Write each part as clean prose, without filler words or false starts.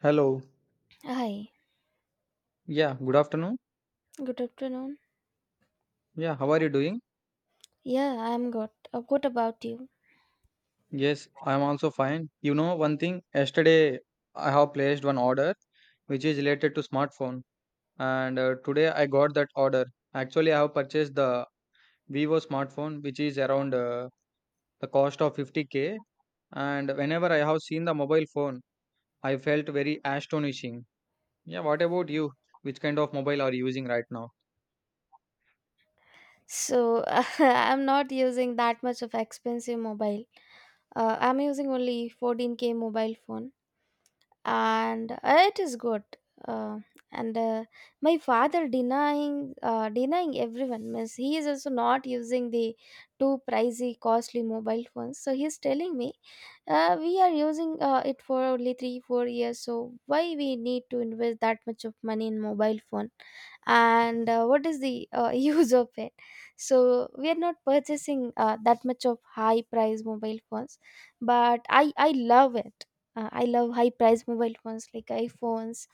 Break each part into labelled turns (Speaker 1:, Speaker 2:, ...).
Speaker 1: Hello.
Speaker 2: Hi,
Speaker 1: Yeah, good afternoon.
Speaker 2: good afternoon.
Speaker 1: Yeah, how are you doing?
Speaker 2: Yeah, I'm good. What about you?
Speaker 1: Yes, I'm also fine. You know, one thing, yesterday I have placed one order which is related to smartphone and today I got that order. Actually, I have purchased the Vivo smartphone which is around the cost of 50k, and whenever I have seen the mobile phone, I felt very astonishing. Yeah, what about you? Which kind of mobile are you using right now?
Speaker 2: So, I'm not using that much of expensive mobile. I'm using only 14K mobile phone and it is good. Uh, and My father denying denying everyone means he is also not using the too pricey costly mobile phones. So he's telling me we are using it for only 3 4 years, so why we need to invest that much of money in mobile phone, and what is the use of it. So we are not purchasing that much of high price mobile phones, but I love it. I love high price mobile phones like iphones.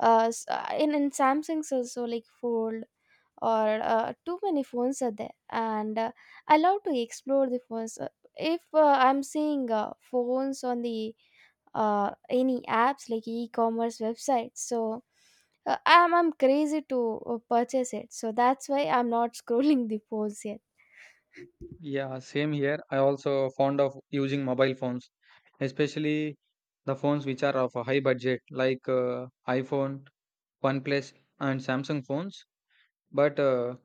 Speaker 2: In samsung's also like fold, or too many phones are there, and I love to explore the phones. If I'm seeing phones on the any apps like e-commerce websites, so I'm crazy to purchase it, so that's why I'm not scrolling the phones yet.
Speaker 1: Yeah, same here. I also fond of using mobile phones, especially the phones which are of a high budget, like iPhone, OnePlus, and Samsung phones. But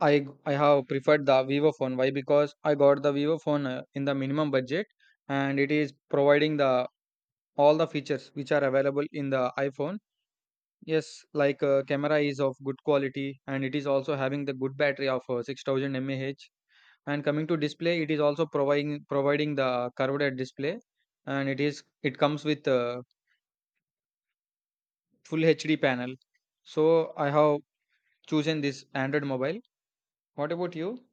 Speaker 1: I have preferred the Vivo phone. Why? Because I got the Vivo phone in the minimum budget, and it is providing the all the features which are available in the iPhone. Yes, like camera is of good quality, and it is also having the good battery of 6000 mAh, and coming to display, it is also providing the curved display, and it is it comes with a full HD panel. So I have chosen this Android mobile. What about you?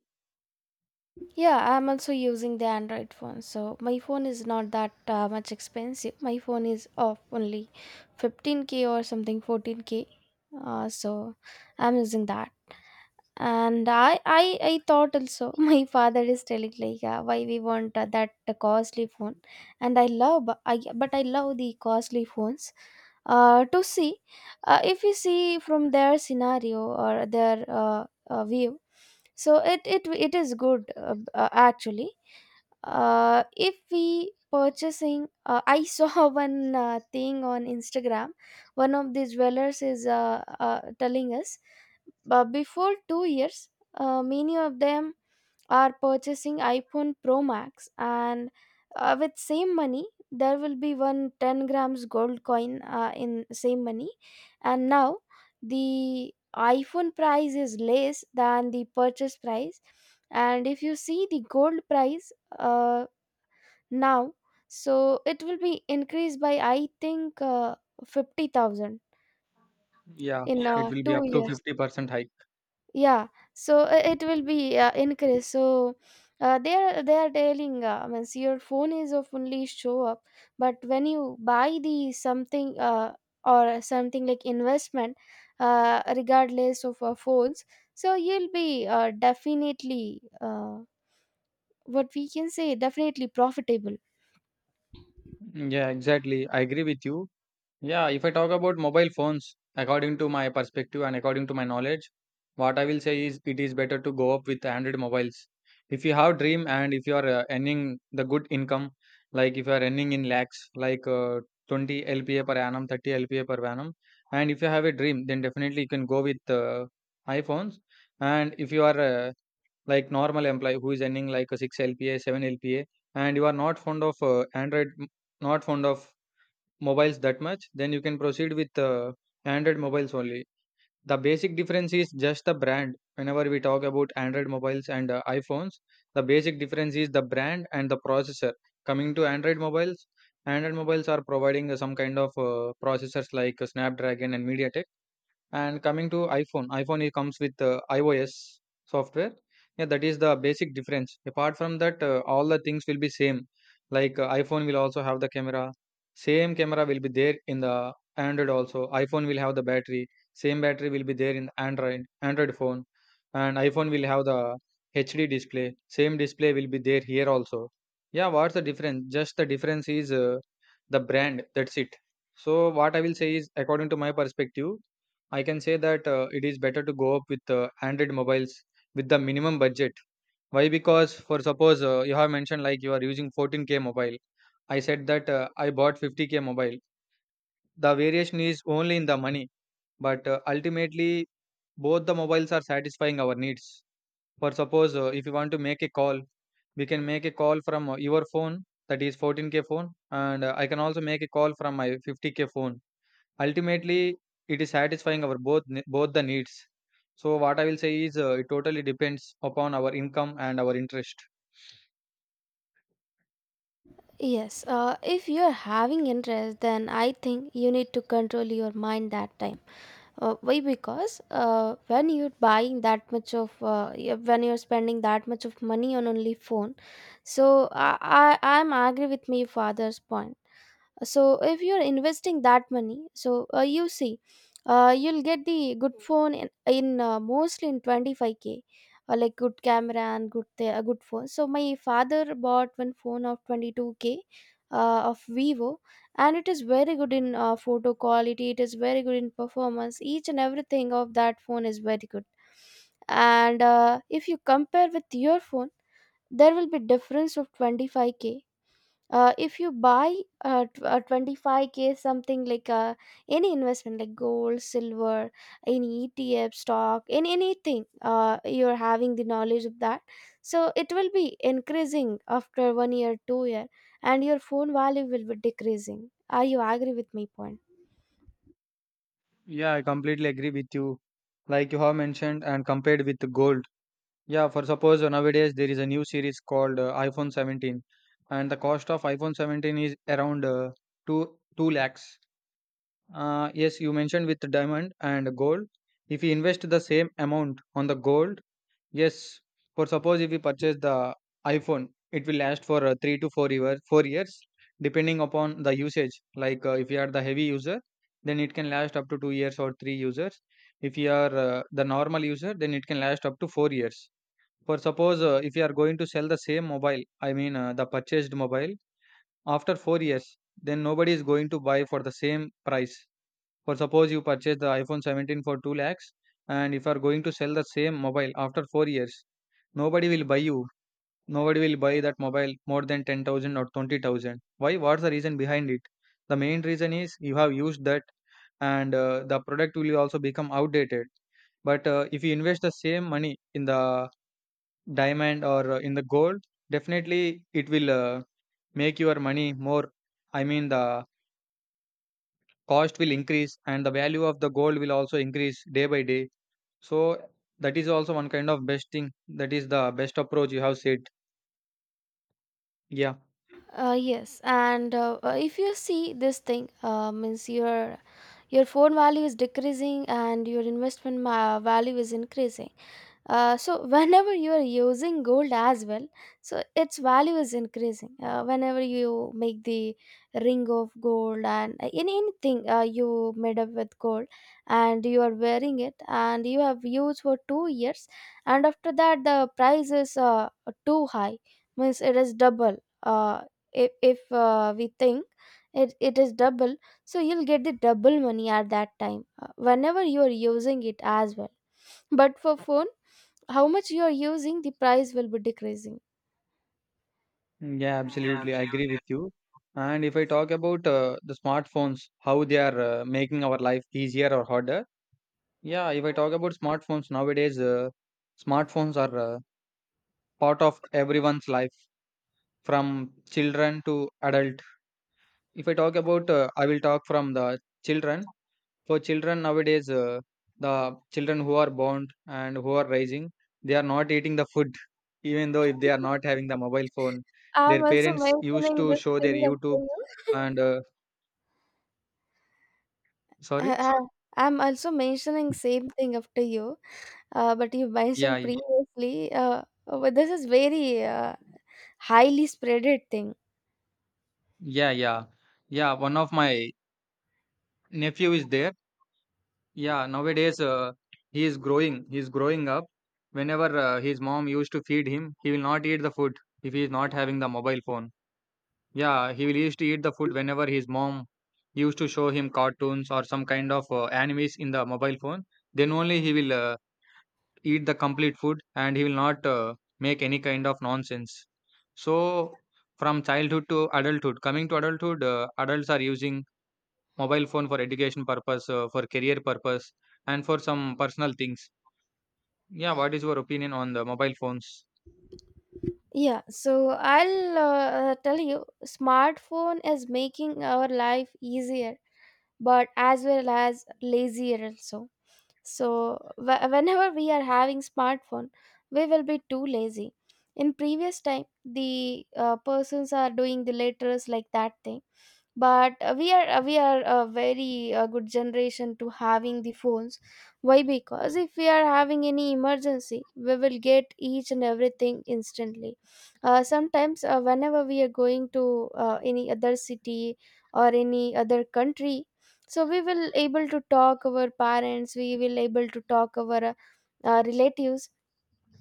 Speaker 2: Yeah, I'm also using the Android phone. So my phone is not that much expensive. My phone is of only 15k or something 14k. So I'm using that. And I thought also, my father is telling like why we want that costly phone, and I love bu- I but I love the costly phones. To see, if you see from their scenario or their view, so it is good actually. If we purchasing, I saw one thing on instagram. One of these dwellers is telling us, but before 2 years, many of them are purchasing iphone pro max, and with same money there will be one 10 grams gold coin in same money. And now the iphone price is less than the purchase price, and if you see the gold price, uh, now, so it will be increased by I think 50,000
Speaker 1: Yeah,
Speaker 2: in
Speaker 1: it will be
Speaker 2: 2
Speaker 1: up
Speaker 2: fifty
Speaker 1: to
Speaker 2: years
Speaker 1: 50% hike.
Speaker 2: yeah, so it will be increased. So they are telling, means your phone is of only show up, but when you buy the something, or something like investment, regardless of phones, so you'll be definitely, what we can say, definitely profitable.
Speaker 1: Yeah, exactly. I agree with you. Yeah, if I talk about mobile phones, according to my perspective and according to my knowledge, what I will say is it is better to go up with Android mobiles. If you have dream and if you are earning the good income, like if you are earning in lakhs, like 20 LPA per annum, 30 LPA per annum, and if you have a dream, then definitely you can go with iPhones. And if you are like normal employee who is earning like a 6 LPA, 7 LPA, and you are not fond of Android, not fond of mobiles that much, then you can proceed with Android mobiles only. The basic difference is just the brand. Whenever we talk about Android mobiles and iPhones, the basic difference is the brand and the processor. Coming to Android mobiles are providing some kind of processors like Snapdragon and MediaTek, and coming to iPhone, iPhone it comes with iOS software. Yeah, that is the basic difference. Apart from that, all the things will be same. Like iPhone will also have the camera. Same camera will be there in the Android also. iPhone will have the battery. Same battery will be there in Android phone, and iPhone will have the HD display. Same display will be there here also. Yeah, what's the difference? Just the difference is the brand. That's it. So what I will say is, according to my perspective, I can say that it is better to go up with Android mobiles with the minimum budget. Why? Because for suppose you have mentioned like you are using 14k mobile. I said that I bought 50k mobile. The variation is only in the money, but ultimately both the mobiles are satisfying our needs. For suppose if you want to make a call, we can make a call from your phone that is 14k phone, and I can also make a call from my 50k phone. Ultimately, it is satisfying our both the needs. So what I will say is, it totally depends upon our income and our interest.
Speaker 2: Yes, if you're having interest, then I think you need to control your mind that time. Why? Because when you're buying that much of, yeah, when you're spending that much of money on only phone, so I'm agree with my father's point. So if you're investing that money, so you see, you'll get the good phone in mostly in 25k, like good camera and good a good phone. So my father bought one phone of 22k of vivo, and it is very good in photo quality, it is very good in performance, each and everything of that phone is very good. And if you compare with your phone, there will be difference of 25k. If you buy 25k something like, any investment like gold, silver, any etf, stock, in anything, you're having the knowledge of that, so it will be increasing after 1 year 2 year, and your phone value will be decreasing. Are you agree with my point?
Speaker 1: Yeah, I completely agree with you. Like you have mentioned and compared with the gold. Yeah, for suppose nowadays there is a new series called iPhone 17, and the cost of iPhone 17 is around two two lakhs. Yes, you mentioned with the diamond and gold. If you invest the same amount on the gold. Yes, for suppose if we purchase the iPhone, it will last for three to four years, 4 years, depending upon the usage. Like if you are the heavy user, then it can last up to 2 years or three users. If you are the normal user, then it can last up to 4 years. For suppose if you are going to sell the same mobile, I mean the purchased mobile after 4 years, then nobody is going to buy for the same price. For suppose you purchase the iPhone 17 for 2 lakhs, and if you are going to sell the same mobile after 4 years, nobody will buy you. Nobody will buy that mobile more than 10,000 or 20,000. Why? What's the reason behind it? The main reason is you have used that, and the product will also become outdated. But if you invest the same money in the diamond or in the gold, definitely it will make your money more. I mean, the cost will increase and the value of the gold will also increase day by day, so that is also one kind of best thing. That is the best approach you have said. Yeah.
Speaker 2: Yes, and if you see this thing, means your phone value is decreasing and your investment value is increasing. So whenever you are using gold as well, so its value is increasing. Whenever you make the ring of gold, and in anything you made up with gold, and you are wearing it, and you have used for 2 years, and after that the price is too high, means it is double. Uh, if we think it is double, so you'll get the double money at that time. Whenever you are using it as well. But for phone, how much you are using, the price will be decreasing.
Speaker 1: Yeah, absolutely, I agree with you. And if I talk about the smartphones, how they are making our life easier or harder. Yeah, if I talk about smartphones nowadays, smartphones are part of everyone's life, from children to adult. If I talk about I will talk from the children. For children nowadays, the children who are born and who are rising, they are not eating the food, even though if they are not having the mobile phone,
Speaker 2: I'm
Speaker 1: their
Speaker 2: also
Speaker 1: parents used
Speaker 2: mentioning
Speaker 1: to
Speaker 2: this
Speaker 1: show their
Speaker 2: thing
Speaker 1: YouTube,
Speaker 2: after you.
Speaker 1: and sorry,
Speaker 2: Uh, I'm also mentioning same thing after you, but you
Speaker 1: yeah,
Speaker 2: mentioned
Speaker 1: y-
Speaker 2: previously. But this is very highly spreaded thing.
Speaker 1: yeah, yeah, yeah, One of my nephew is there. Yeah, nowadays he is growing. He is growing up. Whenever his mom used to feed him, he will not eat the food if he is not having the mobile phone. Yeah, he will used to eat the food whenever his mom used to show him cartoons or some kind of animes in the mobile phone. Then only he will eat the complete food and he will not make any kind of nonsense. So, from childhood to adulthood, coming to adulthood, adults are using mobile phone for education purpose, for career purpose, and for some personal things. Yeah, what is your opinion on the mobile phones?
Speaker 2: Yeah, so I'll tell you, smartphone is making our life easier, but as well as lazier also. So whenever we are having smartphone, we will be too lazy. In previous time the persons are doing the letters, like that thing. But we are a very good generation to having the phones. Why? Because if we are having any emergency, we will get each and everything instantly. Sometimes whenever we are going to any other city or any other country, so we will able to talk our parents, we will able to talk our relatives.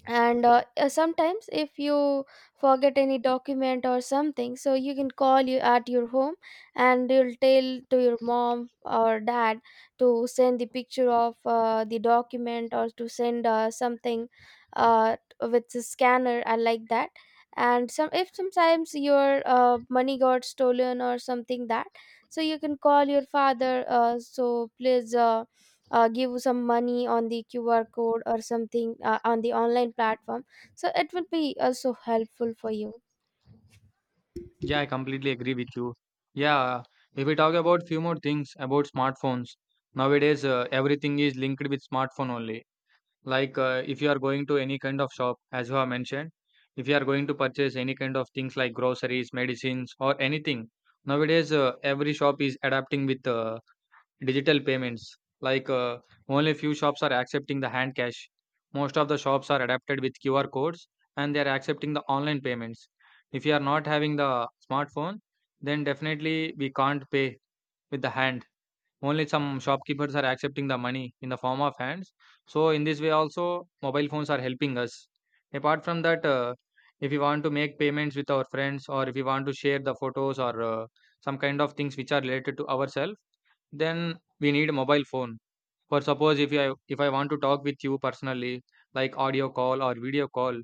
Speaker 2: And sometimes if you forget any document or something, so you can call you at your home and you'll tell to your mom or dad to send the picture of the document, or to send something with the scanner and like that. And some, if sometimes your money got stolen or something that, so you can call your father, so please give some money on the qr code or something on the online platform, so it will be also helpful for you.
Speaker 1: Yeah, I completely agree with you. Yeah, if we talk about few more things about smartphones, nowadays everything is linked with smartphone only. Like if you are going to any kind of shop, as you have mentioned, if you are going to purchase any kind of things like groceries, medicines, or anything, nowadays every shop is adapting with digital payments, like only few shops are accepting the hand cash. Most of the shops are adapted with QR codes and they are accepting the online payments. If you are not having the smartphone, then definitely we can't pay with the hand. Only some shopkeepers are accepting the money in the form of hands. So in this way also mobile phones are helping us. Apart from that, if we want to make payments with our friends or if we want to share the photos or some kind of things which are related to ourselves, then we need a mobile phone. For suppose if I want to talk with you personally, like audio call or video call,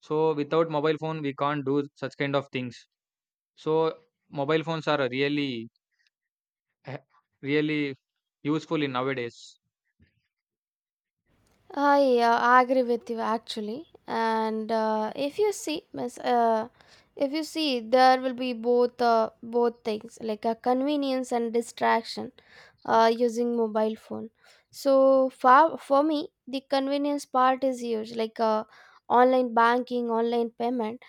Speaker 1: so without mobile phone we can't do such kind of things. So mobile phones are really eh, really useful in nowadays.
Speaker 2: I agree with you actually, and if you see, miss, if you see, there will be both both things like a convenience and distraction using mobile phone. So for me, the convenience part is huge, like, online banking, online payment.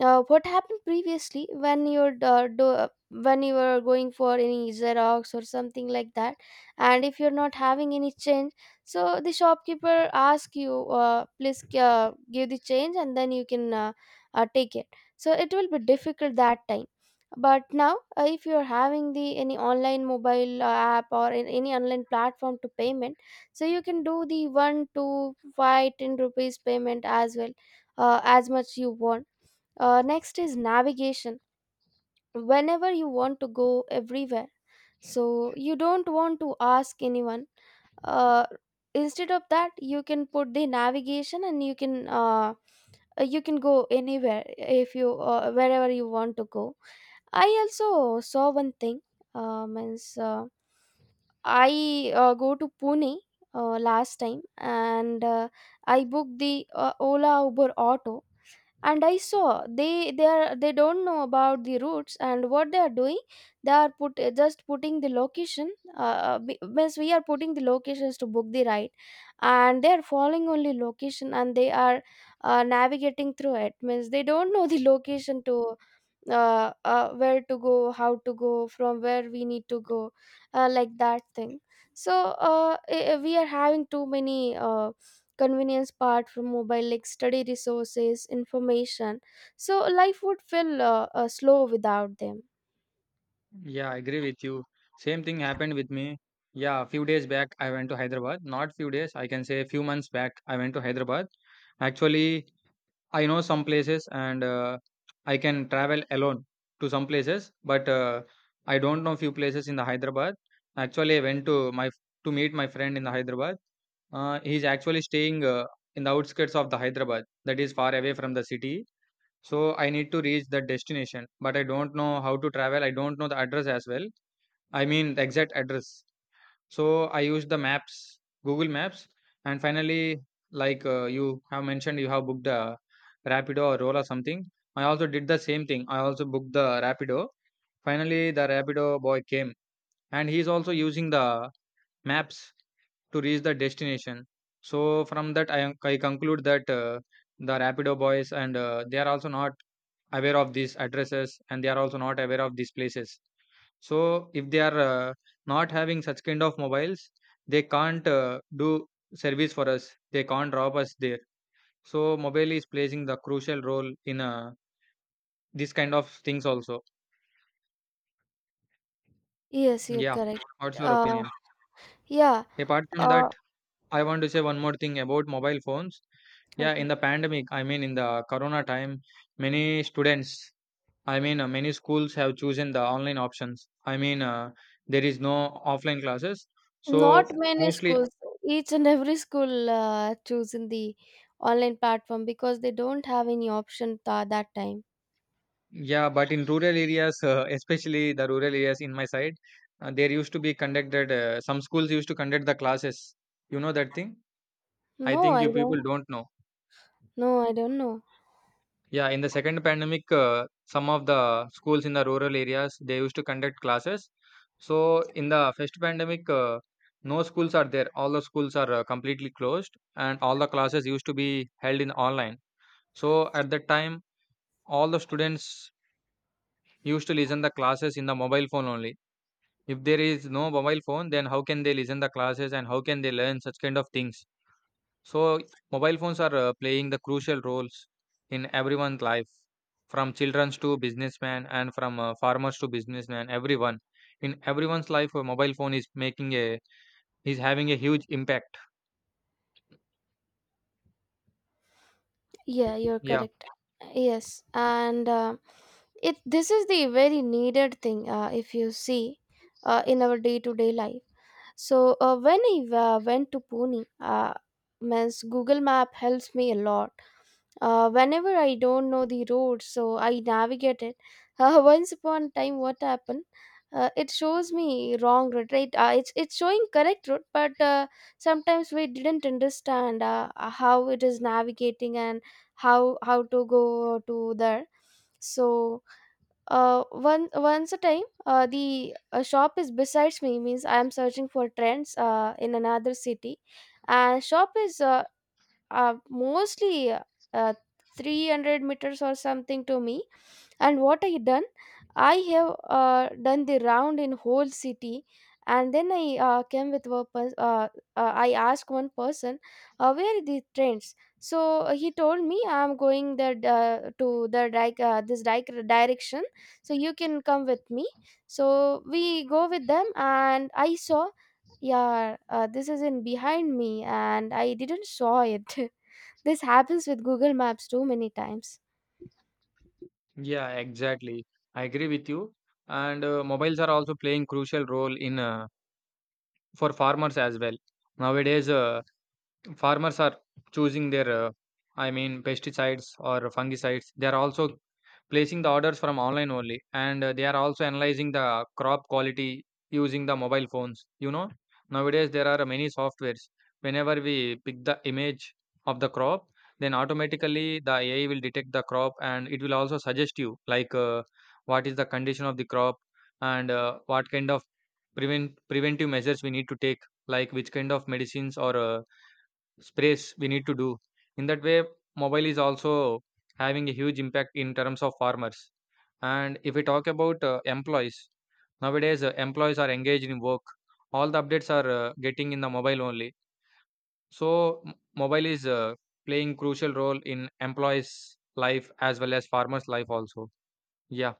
Speaker 2: What happened previously when you're when you were going for any xerox or something like that, and if you're not having any change, so the shopkeeper ask you, please give the change, and then you can take it. So it will be difficult that time. But now if you're having the any online mobile app, or in any online platform to payment, so you can do the one, two, five, ten rupees payment as well, as much you want. Next is navigation. Whenever you want to go everywhere, so you don't want to ask anyone. Uh, Instead of that, you can put the navigation and you can go anywhere, if you wherever you want to go. I also saw one thing. Means I go to Pune last time, and I booked the Ola Uber auto, and I saw they don't know about the routes and what they are doing. They are just putting the location, means we are putting the locations to book the ride, and they are following only location, and they are navigating through it, means they don't know the location to where to go, how to go, from where we need to go, like that thing. So we are having too many convenience part from mobile, like study resources, information. So life would feel slow without them.
Speaker 1: Yeah, I agree with you. Same thing happened with me. Yeah, a few days back I went to Hyderabad. Not few days, I can say a few months back I went to Hyderabad. Actually, I know some places and I can travel alone to some places, but I don't know few places in the Hyderabad. Actually, I went to my to meet my friend in the Hyderabad. He's actually staying in the outskirts of the Hyderabad, that is far away from the city. So I need to reach that destination, but I don't know how to travel. I don't know the address as well. I mean the exact address. So I used the maps, Google Maps, and finally, you have mentioned you have booked the rapido or roller something. I also did the same thing. I also booked the rapido. Finally, the rapido boy came, and he is also using the maps to reach the destination. So from that I conclude that the rapido boys and they are also not aware of these addresses, and they are also not aware of these places. So if they are not having such kind of mobiles, they can't do service for us. They can't rob us there. So mobile is playing the crucial role in this kind of things also.
Speaker 2: Yes, you're
Speaker 1: Yeah.
Speaker 2: correct.
Speaker 1: What's your
Speaker 2: uh
Speaker 1: opinion?
Speaker 2: yeah.
Speaker 1: Apart from that,
Speaker 2: uh
Speaker 1: I want to say one more thing about mobile phones. Yeah,
Speaker 2: okay.
Speaker 1: in the pandemic, I mean in the corona time, many students, I mean, many schools have chosen the online options. I mean, there is no offline classes.
Speaker 2: Not
Speaker 1: So
Speaker 2: many
Speaker 1: mostly,
Speaker 2: schools, each and every school choosing the online platform because they don't have any option that time.
Speaker 1: yeah, but in rural areas, especially the rural areas in my side, there used to be conducted, some schools used to conduct the classes. You know that thing? I
Speaker 2: No,
Speaker 1: think
Speaker 2: I
Speaker 1: you people
Speaker 2: don't.
Speaker 1: don't know.
Speaker 2: No, I don't know.
Speaker 1: Yeah, in the second pandemic, some of the schools in the rural areas they used to conduct classes. So in the first pandemic, no schools are there. All the schools are completely closed, and all the classes used to be held in online. So at that time, all the students used to listen the classes in the mobile phone only. If there is no mobile phone, then how can they listen the classes and how can they learn such kind of things? So mobile phones are playing the crucial roles in everyone's life, from childrens to businessmen and from farmers to businessmen, everyone. In everyone's life, a mobile phone is making a, is having a huge impact.
Speaker 2: Yeah, you're
Speaker 1: Yeah.
Speaker 2: correct. Yes, and it, this is the very needed thing if you see in our day-to-day life. So when I went to Pune, means Google Map helps me a lot. Whenever I don't know the road, so I navigate it. Once upon a time, what happened? It shows me wrong road, right? It's showing correct road, but sometimes we didn't understand how it is navigating, and how to go to there. So one once a time, the shop is besides me, means I am searching for trends in another city, and shop is mostly uh, 300 meters or something to me. And what I done, I have done the round in whole city, and then I came with I asked one person where are the trains. So he told me, I'm going the this direction, so you can come with me. So we go with them, and I saw, yeah, this is in behind me and I didn't saw it. This happens with Google Maps too many times.
Speaker 1: Yeah, exactly. I agree with you. And mobiles are also playing crucial role in for farmers as well. Nowadays farmers are choosing their I mean pesticides or fungicides, they are also placing the orders from online only, and they are also analyzing the crop quality using the mobile phones, you know. Nowadays there are many softwares. Whenever we pick the image of the crop, then automatically the AI will detect the crop and it will also suggest you like what is the condition of the crop and what kind of preventive measures we need to take, like which kind of medicines or space we need to do. In that way, mobile is also having a huge impact in terms of farmers. And if we talk about employees, nowadays employees are engaged in work, all the updates are getting in the mobile only. So mobile is playing crucial role in employees life as well as farmers life also. Yeah.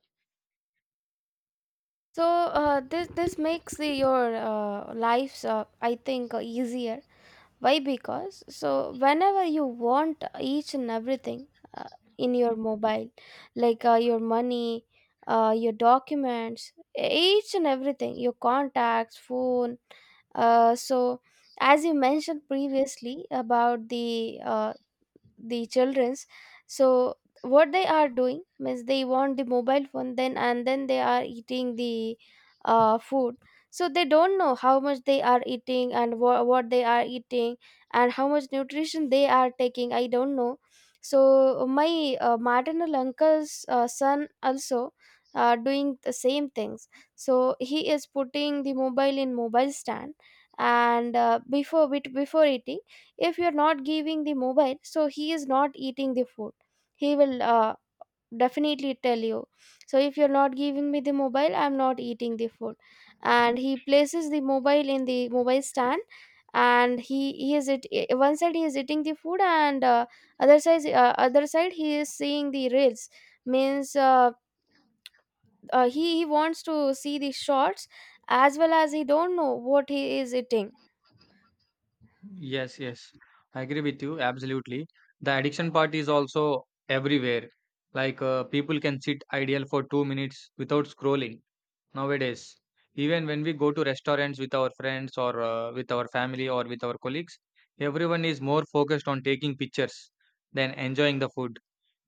Speaker 2: So this makes the, your lives I think easier. Why? Because whenever you want each and everything uh, in your mobile, like your money, your documents, each and everything, your contacts, phone. So as you mentioned previously about uh, the children's. so what they are doing means they want the mobile phone, then and then they are eating the food. So they don't know how much they are eating and what they are eating and how much nutrition they are taking, I don't know. So my maternal uncle's son also doing the same things. So he is putting the mobile in mobile stand, and before eating, if you're not giving the mobile, so he is not eating the food. He will definitely tell you, so if you're not giving me the mobile, I'm not eating the food. And he places the mobile in the mobile stand, and he is one side he is eating the food, and other side he is seeing the reels. Means he wants to see the shots, as well as he don't know what he is eating.
Speaker 1: Yes, yes, I agree with you absolutely. The addiction part is also everywhere. People can sit idle for 2 minutes without scrolling nowadays. Even when we go to restaurants with our friends or with our family or with our colleagues, everyone is more focused on taking pictures than enjoying the food.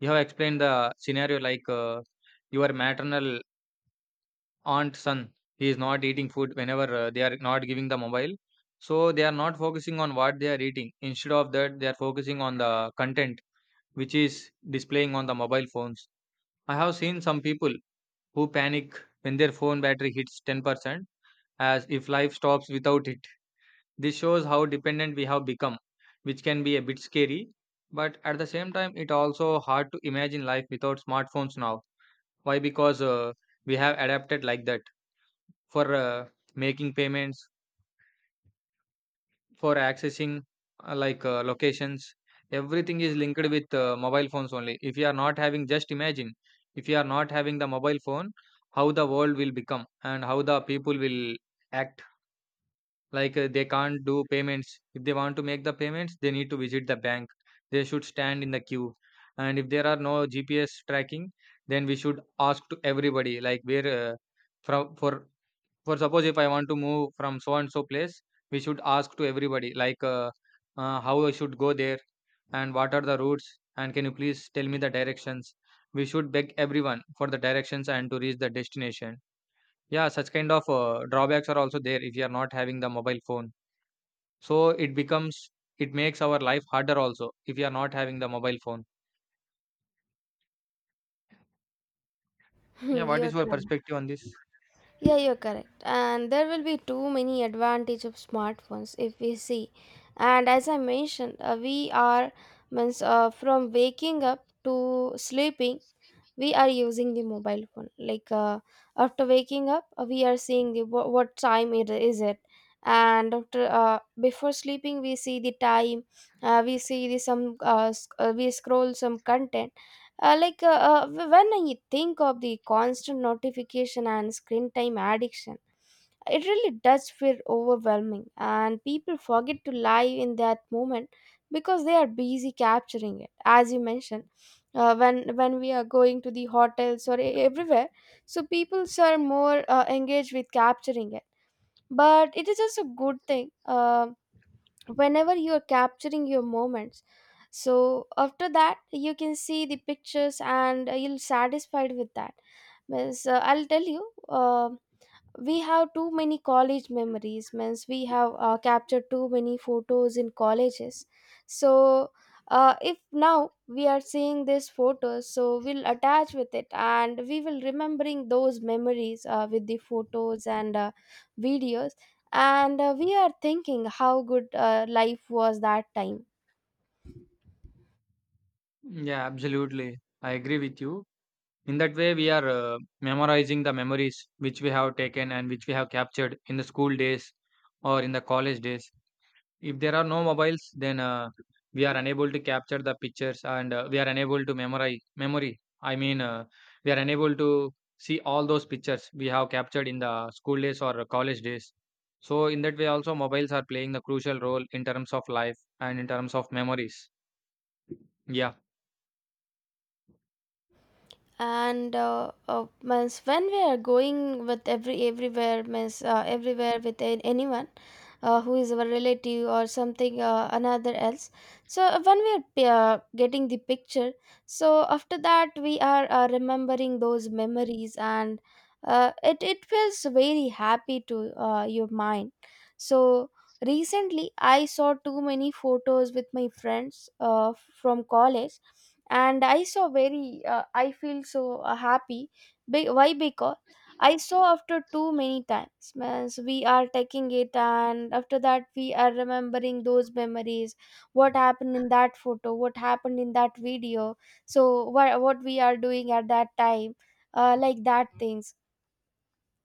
Speaker 1: You have explained the scenario, like your maternal aunt son, he is not eating food whenever they are not giving the mobile. So they are not focusing on what they are eating. Instead of that, they are focusing on the content which is displaying on the mobile phones. I have seen some people who panic when their phone battery hits 10% as if life stops without it. This shows how dependent we have become, which can be a bit scary, but at the same time, it also hard to imagine life without smartphones now. Why? Because we have adapted like that for making payments, for accessing locations. Everything is linked with mobile phones only. If you are not having, just imagine, if you are not having the mobile phone, how the world will become and how the people will act. They can't do payments. If they want to make the payments, they need to visit the bank. They should stand in the queue. And if there are no GPS tracking, then we should ask to everybody like where from for suppose if I want to move from so and so place, we should ask to everybody like how I should go there and what are the routes and can you please tell me the directions. We should beg everyone for the directions and to reach the destination. Yeah, such kind of drawbacks are also there if you are not having the mobile phone. So it becomes, it makes our life harder also if you are not having the mobile phone. Yeah, what
Speaker 2: You
Speaker 1: is
Speaker 2: are
Speaker 1: your
Speaker 2: correct.
Speaker 1: perspective on this?
Speaker 2: Yeah, you're correct. And there will be too many advantage of smartphones if we see. And as I mentioned, we are, means from waking up to sleeping we are using the mobile phone. Like after waking up, we are seeing the what time it is it, and after before sleeping we see the time. We see the some we scroll some content. uh, like uh, uh, when I think of the constant notification and screen time addiction, it really does feel overwhelming, and people forget to live in that moment because they are busy capturing it. As you mentioned, when we are going to the hotels or everywhere, so people are more engaged with capturing it. But it is also a good thing. Whenever you are capturing your moments, so after that you can see the pictures, and you'll satisfied with that. Means, I'll tell you. um we have too many college memories. Means we have captured too many photos in colleges. So if now we are seeing these photos, so we'll attach with it and we will remembering those memories with the photos and videos, and we are thinking how good life was that time.
Speaker 1: Yeah, absolutely. I agree with you. In that way, we are memorizing the memories which we have taken and which we have captured in the school days or in the college days. If there are no mobiles, then we are unable to capture the pictures and we are unable to memorize memory. I mean, we are unable to see all those pictures we have captured in the school days or college days. So in that way, also mobiles are playing the crucial role in terms of life and in terms of memories. Yeah.
Speaker 2: And means when we are going with everywhere, means everywhere with anyone who is our relative or something, another else. So when we are getting the picture, so after that we are remembering those memories, and it feels very happy to your mind. So recently I saw too many photos with my friends from college, and I saw very I feel so happy. Why? Because I saw after too many times. Means we are taking it and after that we are remembering those memories, what happened in that photo, what happened in that video. So what we are doing at that time, like that things.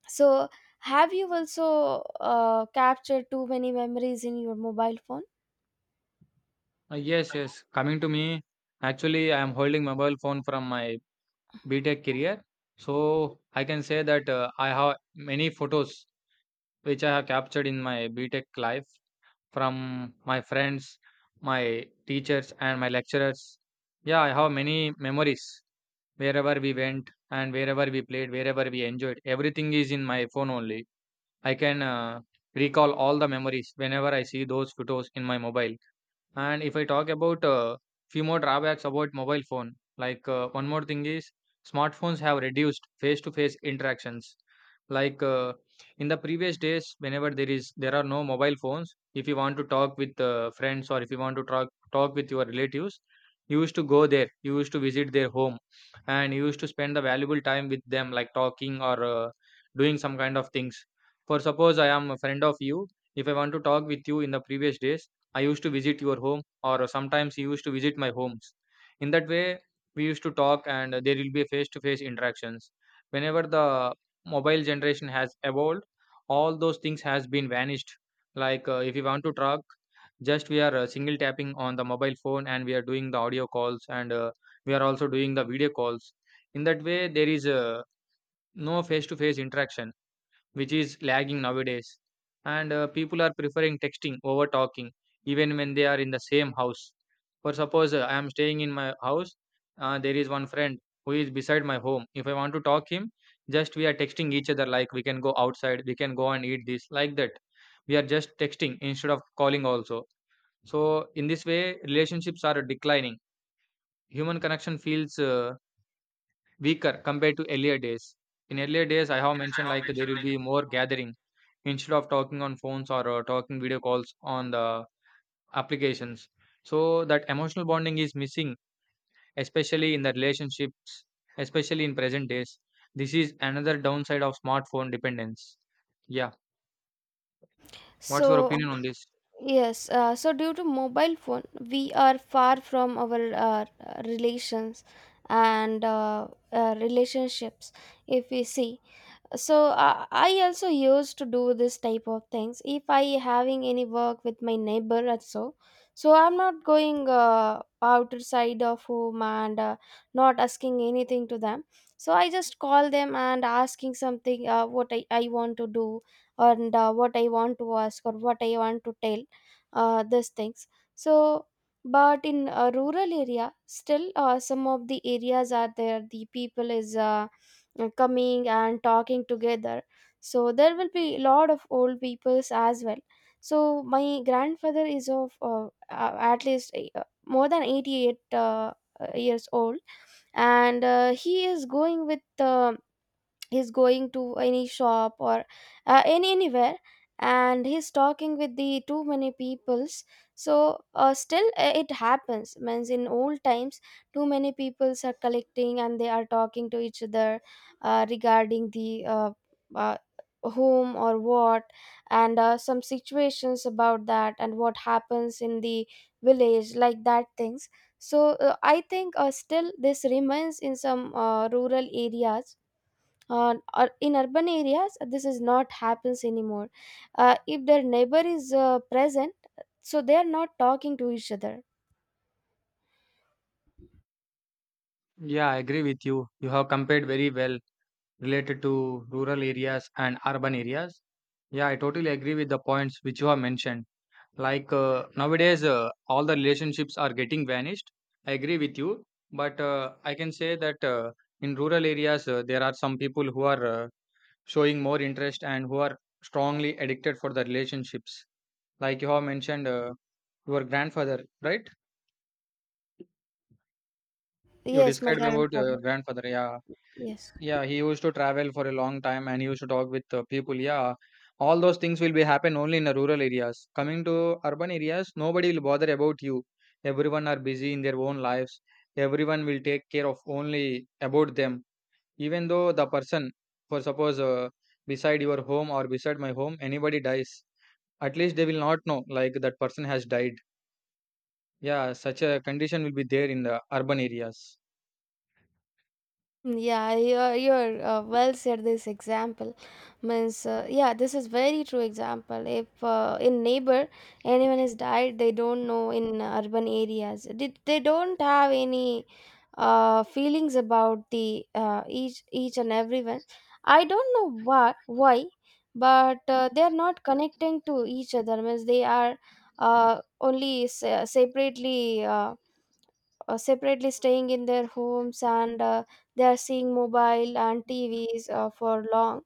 Speaker 2: So have you also captured too many memories in your mobile phone?
Speaker 1: Yes. Yes. Coming to me, actually, I am holding mobile phone from my BTech career. So I can say that I have many photos which I have captured in my BTech life from my friends, my teachers, and my lecturers. Yeah, I have many memories wherever we went and wherever we played, wherever we enjoyed. Everything is in my phone only. I can recall all the memories whenever I see those photos in my mobile. And if I talk about few more drawbacks about mobile phone, like one more thing is smartphones have reduced face-to-face interactions. Like in the previous days, whenever there are no mobile phones, if you want to talk with friends or if you want to talk with your relatives, you used to go there, you used to visit their home, and you used to spend the valuable time with them, like talking or doing some kind of things. For suppose I am a friend of you, if I want to talk with you in the previous days, I used to visit your home, or sometimes you used to visit my homes. In that way, we used to talk, and there will be face to face interactions. Whenever the mobile generation has evolved, all those things has been vanished. Like if you want to talk, just we are single tapping on the mobile phone, and we are doing the audio calls, and we are also doing the video calls. In that way, there is no face to face interaction which is lagging nowadays. And people are preferring texting over talking, even when they are in the same house. For suppose I am staying in my house, there is one friend who is beside my home. If I want to talk him, just we are texting each other like we can go outside, we can go and eat this, like that. We are just texting instead of calling also. So in this way, relationships are declining. Human connection feels weaker compared to earlier days. In earlier days, I have mentioned like there will be more gathering instead of talking on phones or talking video calls on the applications. So that emotional bonding is missing, especially in the relationships, especially in present days. This is another downside of smartphone dependence. Yeah. What's your
Speaker 2: so
Speaker 1: opinion on this?
Speaker 2: Yes, so due to mobile phone, we are far from our relations and relationships. If we see, so I also used to do this type of things. If I having any work with my neighbor or so, so I'm not going outer side of home and not asking anything to them. So I just call them and asking something what I want to do, and what I want to ask or what I want to tell, these things. So but in a rural area, still some of the areas are there, the people is coming and talking together. So there will be a lot of old peoples as well. So my grandfather is of at least more than 88 years old. And he's going to any shop or any anywhere, and he's talking with the too many peoples. So still it happens. Means in old times, too many peoples are collecting and they are talking to each other regarding the uh, whom or what, and some situations about that and what happens in the village, like that things. So I think still this remains in some rural areas. Or in urban areas this is not happens anymore. If their neighbor is present, so they are not talking to each other.
Speaker 1: Yeah, I agree with you. You have compared very well related to rural areas and urban areas. Yeah, I totally agree with the points which you have mentioned. Nowadays all the relationships are getting vanished. I agree with you, but I can say that in rural areas there are some people who are showing more interest and who are strongly addicted for the relationships. Like you have mentioned, your grandfather, right? You
Speaker 2: Yes, my
Speaker 1: described about your
Speaker 2: grandfather.
Speaker 1: grandfather. Yeah.
Speaker 2: Yes.
Speaker 1: Yeah, he used to travel for a long time and he used to talk with people. Yeah, all those things will be happen only in the rural areas. Coming to urban areas, nobody will bother about you. Everyone are busy in their own lives. Everyone will take care of only about them. Even though the person, for suppose beside your home or beside my home, anybody dies, at least they will not know like that person has died. Yeah, such a condition will be there in the urban areas.
Speaker 2: Yeah, you're well said this example. Means, yeah, this is very true example. If in neighbor anyone has died, they don't know in urban areas. They don't have any feelings about the each and everyone. I don't know why, but they are not connecting to each other. Means they are only separately. Separately staying in their homes, and they are seeing mobile and TVs for long.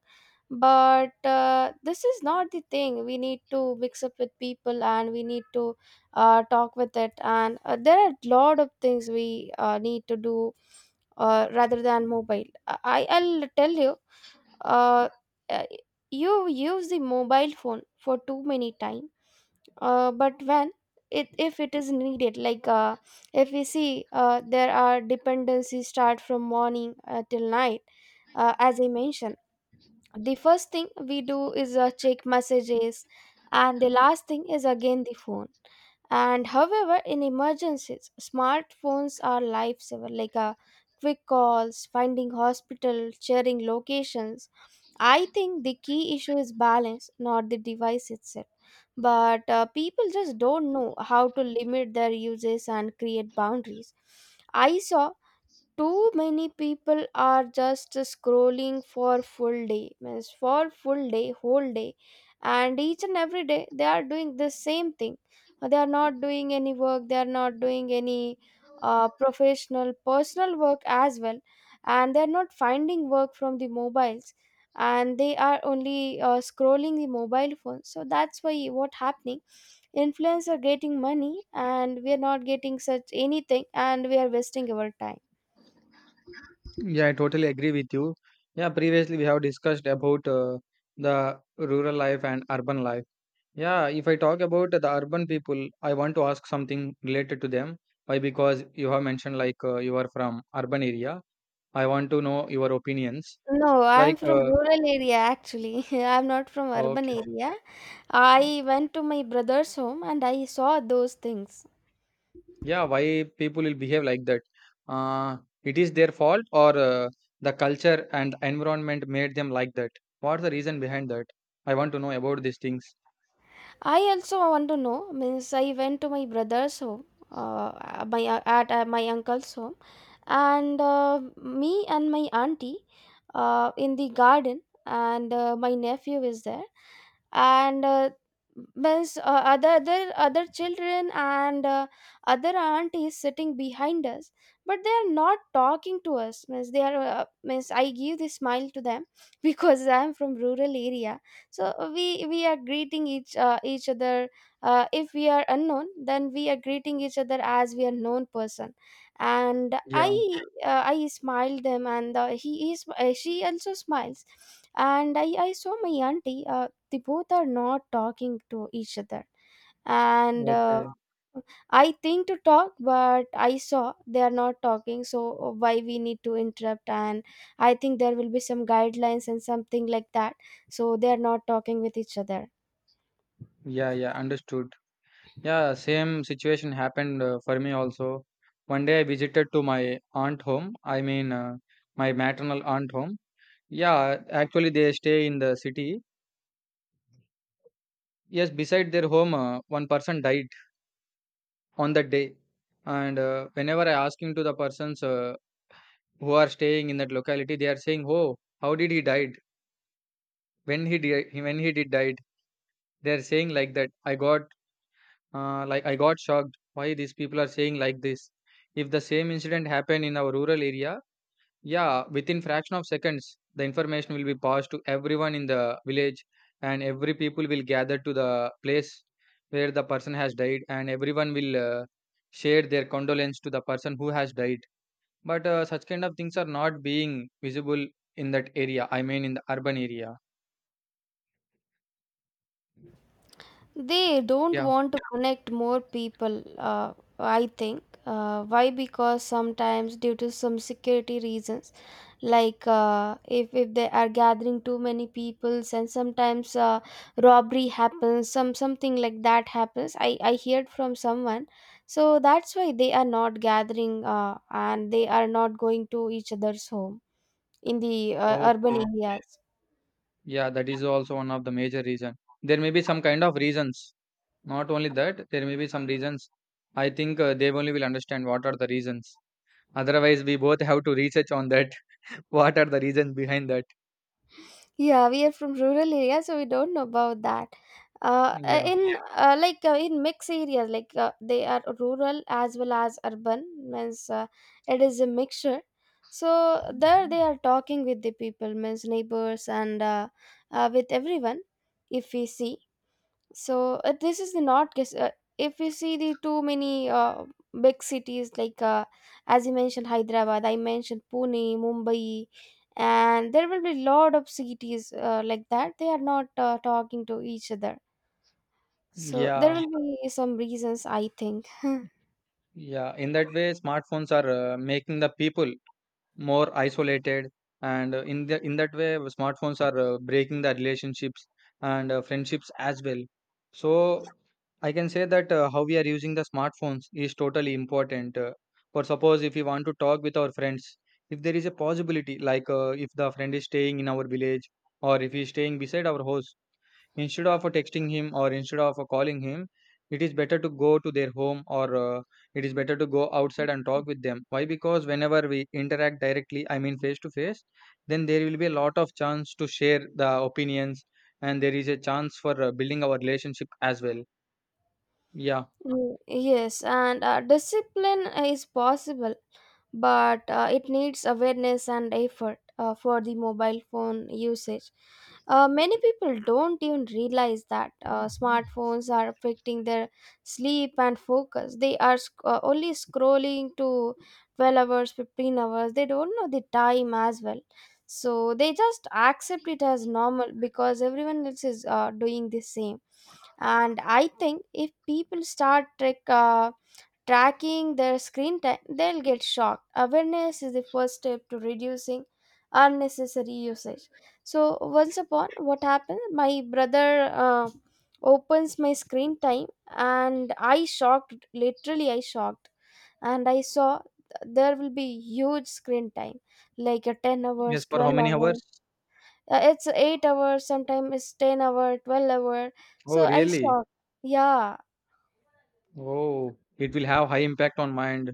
Speaker 2: But this is not the thing. We need to mix up with people and we need to talk with it. And there are a lot of things we need to do rather than mobile. I'll tell you, uh, uh, you use the mobile phone for too many time, but when it If it is needed, like if we see, there are dependencies start from morning till night. As I mentioned, the first thing we do is check messages, and the last thing is again the phone. And however, in emergencies smartphones are lifesaver, like quick calls, finding hospital, sharing locations. I think the key issue is balance, not the device itself. But people just don't know how to limit their uses and create boundaries. I saw too many people are just scrolling for full day. Means for full day, whole day, and each and every day they are doing the same thing. They are not doing any work, they are not doing any professional personal work as well, and they are not finding work from the mobiles, and they are only scrolling the mobile phone. So that's why what happening, influencers are getting money, and we are not getting such anything, and we are wasting our time.
Speaker 1: Yeah, I totally agree with you. Yeah, previously we have discussed about the rural life and urban life. Yeah, if I talk about the urban people, I want to ask something related to them. Why? Because you have mentioned like you are from urban area. I want to know your opinions.
Speaker 2: No, I'm
Speaker 1: Like,
Speaker 2: from rural area actually. I'm not from urban
Speaker 1: okay,
Speaker 2: area. I went to my brother's home and I saw those things.
Speaker 1: yeah, why people will behave like that? Uh, it is their fault or the culture and environment made them like that? What's the reason behind that? I want to know about these things.
Speaker 2: I also want to know. Means I went to my brother's home, my uncle's home, and me and my auntie in the garden, and my nephew is there, and means other children, and other aunties sitting behind us, but they are not talking to us. Means they are means I give the smile to them. Because I am from rural area, so we are greeting each other. If we are unknown, then we are greeting each other as we are known person. And
Speaker 1: Yeah,
Speaker 2: I smiled them, and he is she also smiles. And I saw my auntie, they both are not talking to each other. And
Speaker 1: okay.
Speaker 2: I think to talk, but I saw they are not talking. So why we need to interrupt? And I think there will be some guidelines and something like that, so they are not talking with each other.
Speaker 1: Yeah, yeah, understood. Yeah, same situation happened for me also. One day I visited to my aunt home. I mean, my maternal aunt home. Yeah, actually they stay in the city. Yes, beside their home, one person died on that day. And Whenever I asking to the persons, who are staying in that locality, they are saying, "Oh, how did he died? When he did died?" They are saying like that. I got Like I got shocked why these people are saying like this. If the same incident happened in our rural area, yeah, within fraction of seconds, the information will be passed to everyone in the village, and every people will gather to the place where the person has died, and everyone will share their condolence to the person who has died. But such kind of things are not being visible in that area. I mean, in the urban area.
Speaker 2: They don't
Speaker 1: Yeah.
Speaker 2: want to connect more people, I think. Why? Because sometimes, due to some security reasons, like if they are gathering too many peoples, and sometimes robbery happens, some something like that happens. I heard from someone. So that's why they are not gathering, and they are not going to each other's home in the urban
Speaker 1: Okay.
Speaker 2: areas.
Speaker 1: Yeah, that is also one of the major reason. There may be some kind of reasons Not only that, there may be some reasons. I think, they only will understand what are the reasons. Otherwise, we both have to research on that. What are the reasons behind that?
Speaker 2: Yeah, we are from rural area, so we don't know about that.
Speaker 1: Yeah,
Speaker 2: In Yeah. Like in mixed areas, like they are rural as well as urban, means it is a mixture. So there they are talking with the people, means neighbors and with everyone. If we see, so this is the not guess. If you see the too many big cities, like as you mentioned Hyderabad, I mentioned Pune, Mumbai, and there will be lot of cities like that, they are not talking to each other. So there
Speaker 1: yeah,
Speaker 2: will be some reasons, I think.
Speaker 1: yeah. In that way, smartphones are making the people more isolated, and in that way, smartphones are breaking the relationships and friendships as well. So I can say that, how we are using the smartphones is totally important, for suppose if we want to talk with our friends. If there is a possibility like, if the friend is staying in our village, or if he is staying beside our house. Instead of texting him, or instead of calling him, it is better to go to their home, or it is better to go outside and talk with them. Why? Because whenever we interact directly, I mean face to face, then there will be a lot of chance to share the opinions, and there is a chance for building our relationship as well. Yeah.
Speaker 2: Mm, yes, and discipline is possible, but it needs awareness and effort for the mobile phone usage. Many people don't even realize that smartphones are affecting their sleep and focus. They are only scrolling to 12 hours, 15 hours. They don't know the time as well. So they just accept it as normal because everyone else is doing the same. And I think if people start tracking their screen time, they'll get shocked. Awareness is the first step to reducing unnecessary usage. So once upon, what happened, my brother opens my screen time, and I shocked, literally I shocked. And I saw there will be huge screen time, like a 10
Speaker 1: Yes.
Speaker 2: hours,
Speaker 1: For how
Speaker 2: 12
Speaker 1: many
Speaker 2: hours.
Speaker 1: hours?
Speaker 2: It's 8 hours, sometimes it's 10 hour, 12 hour.
Speaker 1: Oh,
Speaker 2: So I
Speaker 1: really?
Speaker 2: stopped. Yeah.
Speaker 1: Oh, it will have high impact on mind.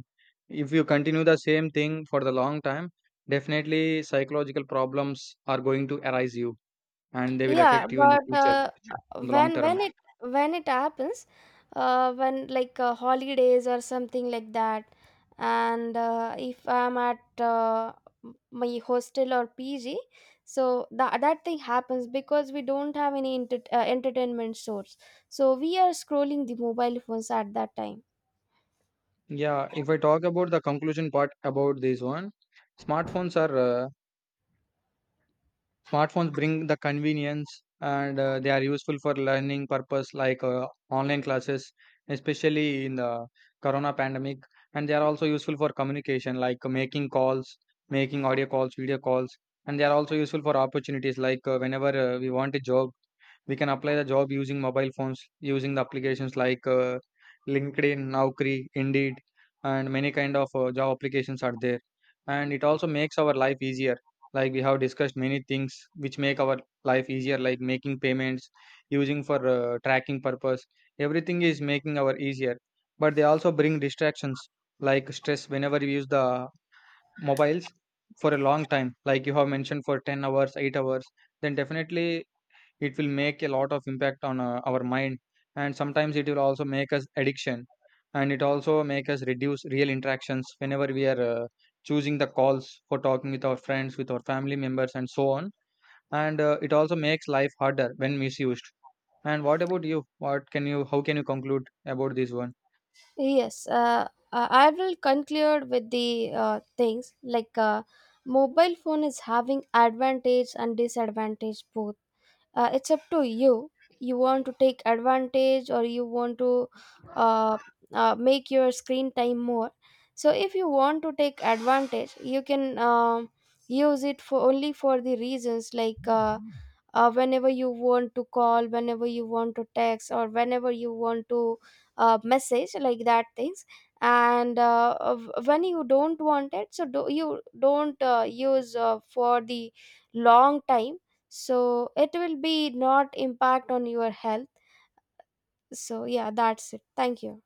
Speaker 1: If you continue the same thing for the long time, definitely psychological problems are going to arise you, and they will
Speaker 2: Yeah,
Speaker 1: affect you in the
Speaker 2: but
Speaker 1: future, in the long
Speaker 2: when when
Speaker 1: term.
Speaker 2: it when it happens when like holidays or something like that and if I'm at m- my hostel or pg so that that thing happens because we don't have any enter- entertainment source so we are scrolling the mobile phones at that time
Speaker 1: Yeah, if I talk about the conclusion part about this one, smartphones are uh, Smartphones bring the convenience, and they are useful for learning purpose, like online classes, especially in the corona pandemic. And they are also useful for communication, like making calls, making audio calls, video calls. And they are also useful for opportunities, like whenever we want a job, we can apply the job using mobile phones, using the applications like linkedin, naukri, indeed, and many kind of job applications are there. And it also makes our life easier, like we have discussed many things which make our life easier, like making payments, using for tracking purpose. Everything is making our easier, but they also bring distractions like stress, whenever you use the mobiles for a long time, like you have mentioned, for 10 hours, 8 hours. Then definitely it will make a lot of impact on our mind, and sometimes it will also make us addiction, and it also make us reduce real interactions, whenever we are choosing the calls for talking with our friends, with our family members, and so on. And it also makes life harder when misused. And what about you? What can you? How can you conclude about this one?
Speaker 2: Yes, I will conclude with the things like mobile phone is having advantage and disadvantage both. It's up to you. You want to take advantage, or you want to uh, make your screen time more. So if you want to take advantage, you can use it for only for the reasons like. Whenever you want to call, whenever you want to text, or whenever you want to message, like that things. And when you don't want it, so you don't use for the long time, so it will be not impact on your health. So yeah, that's it. Thank you.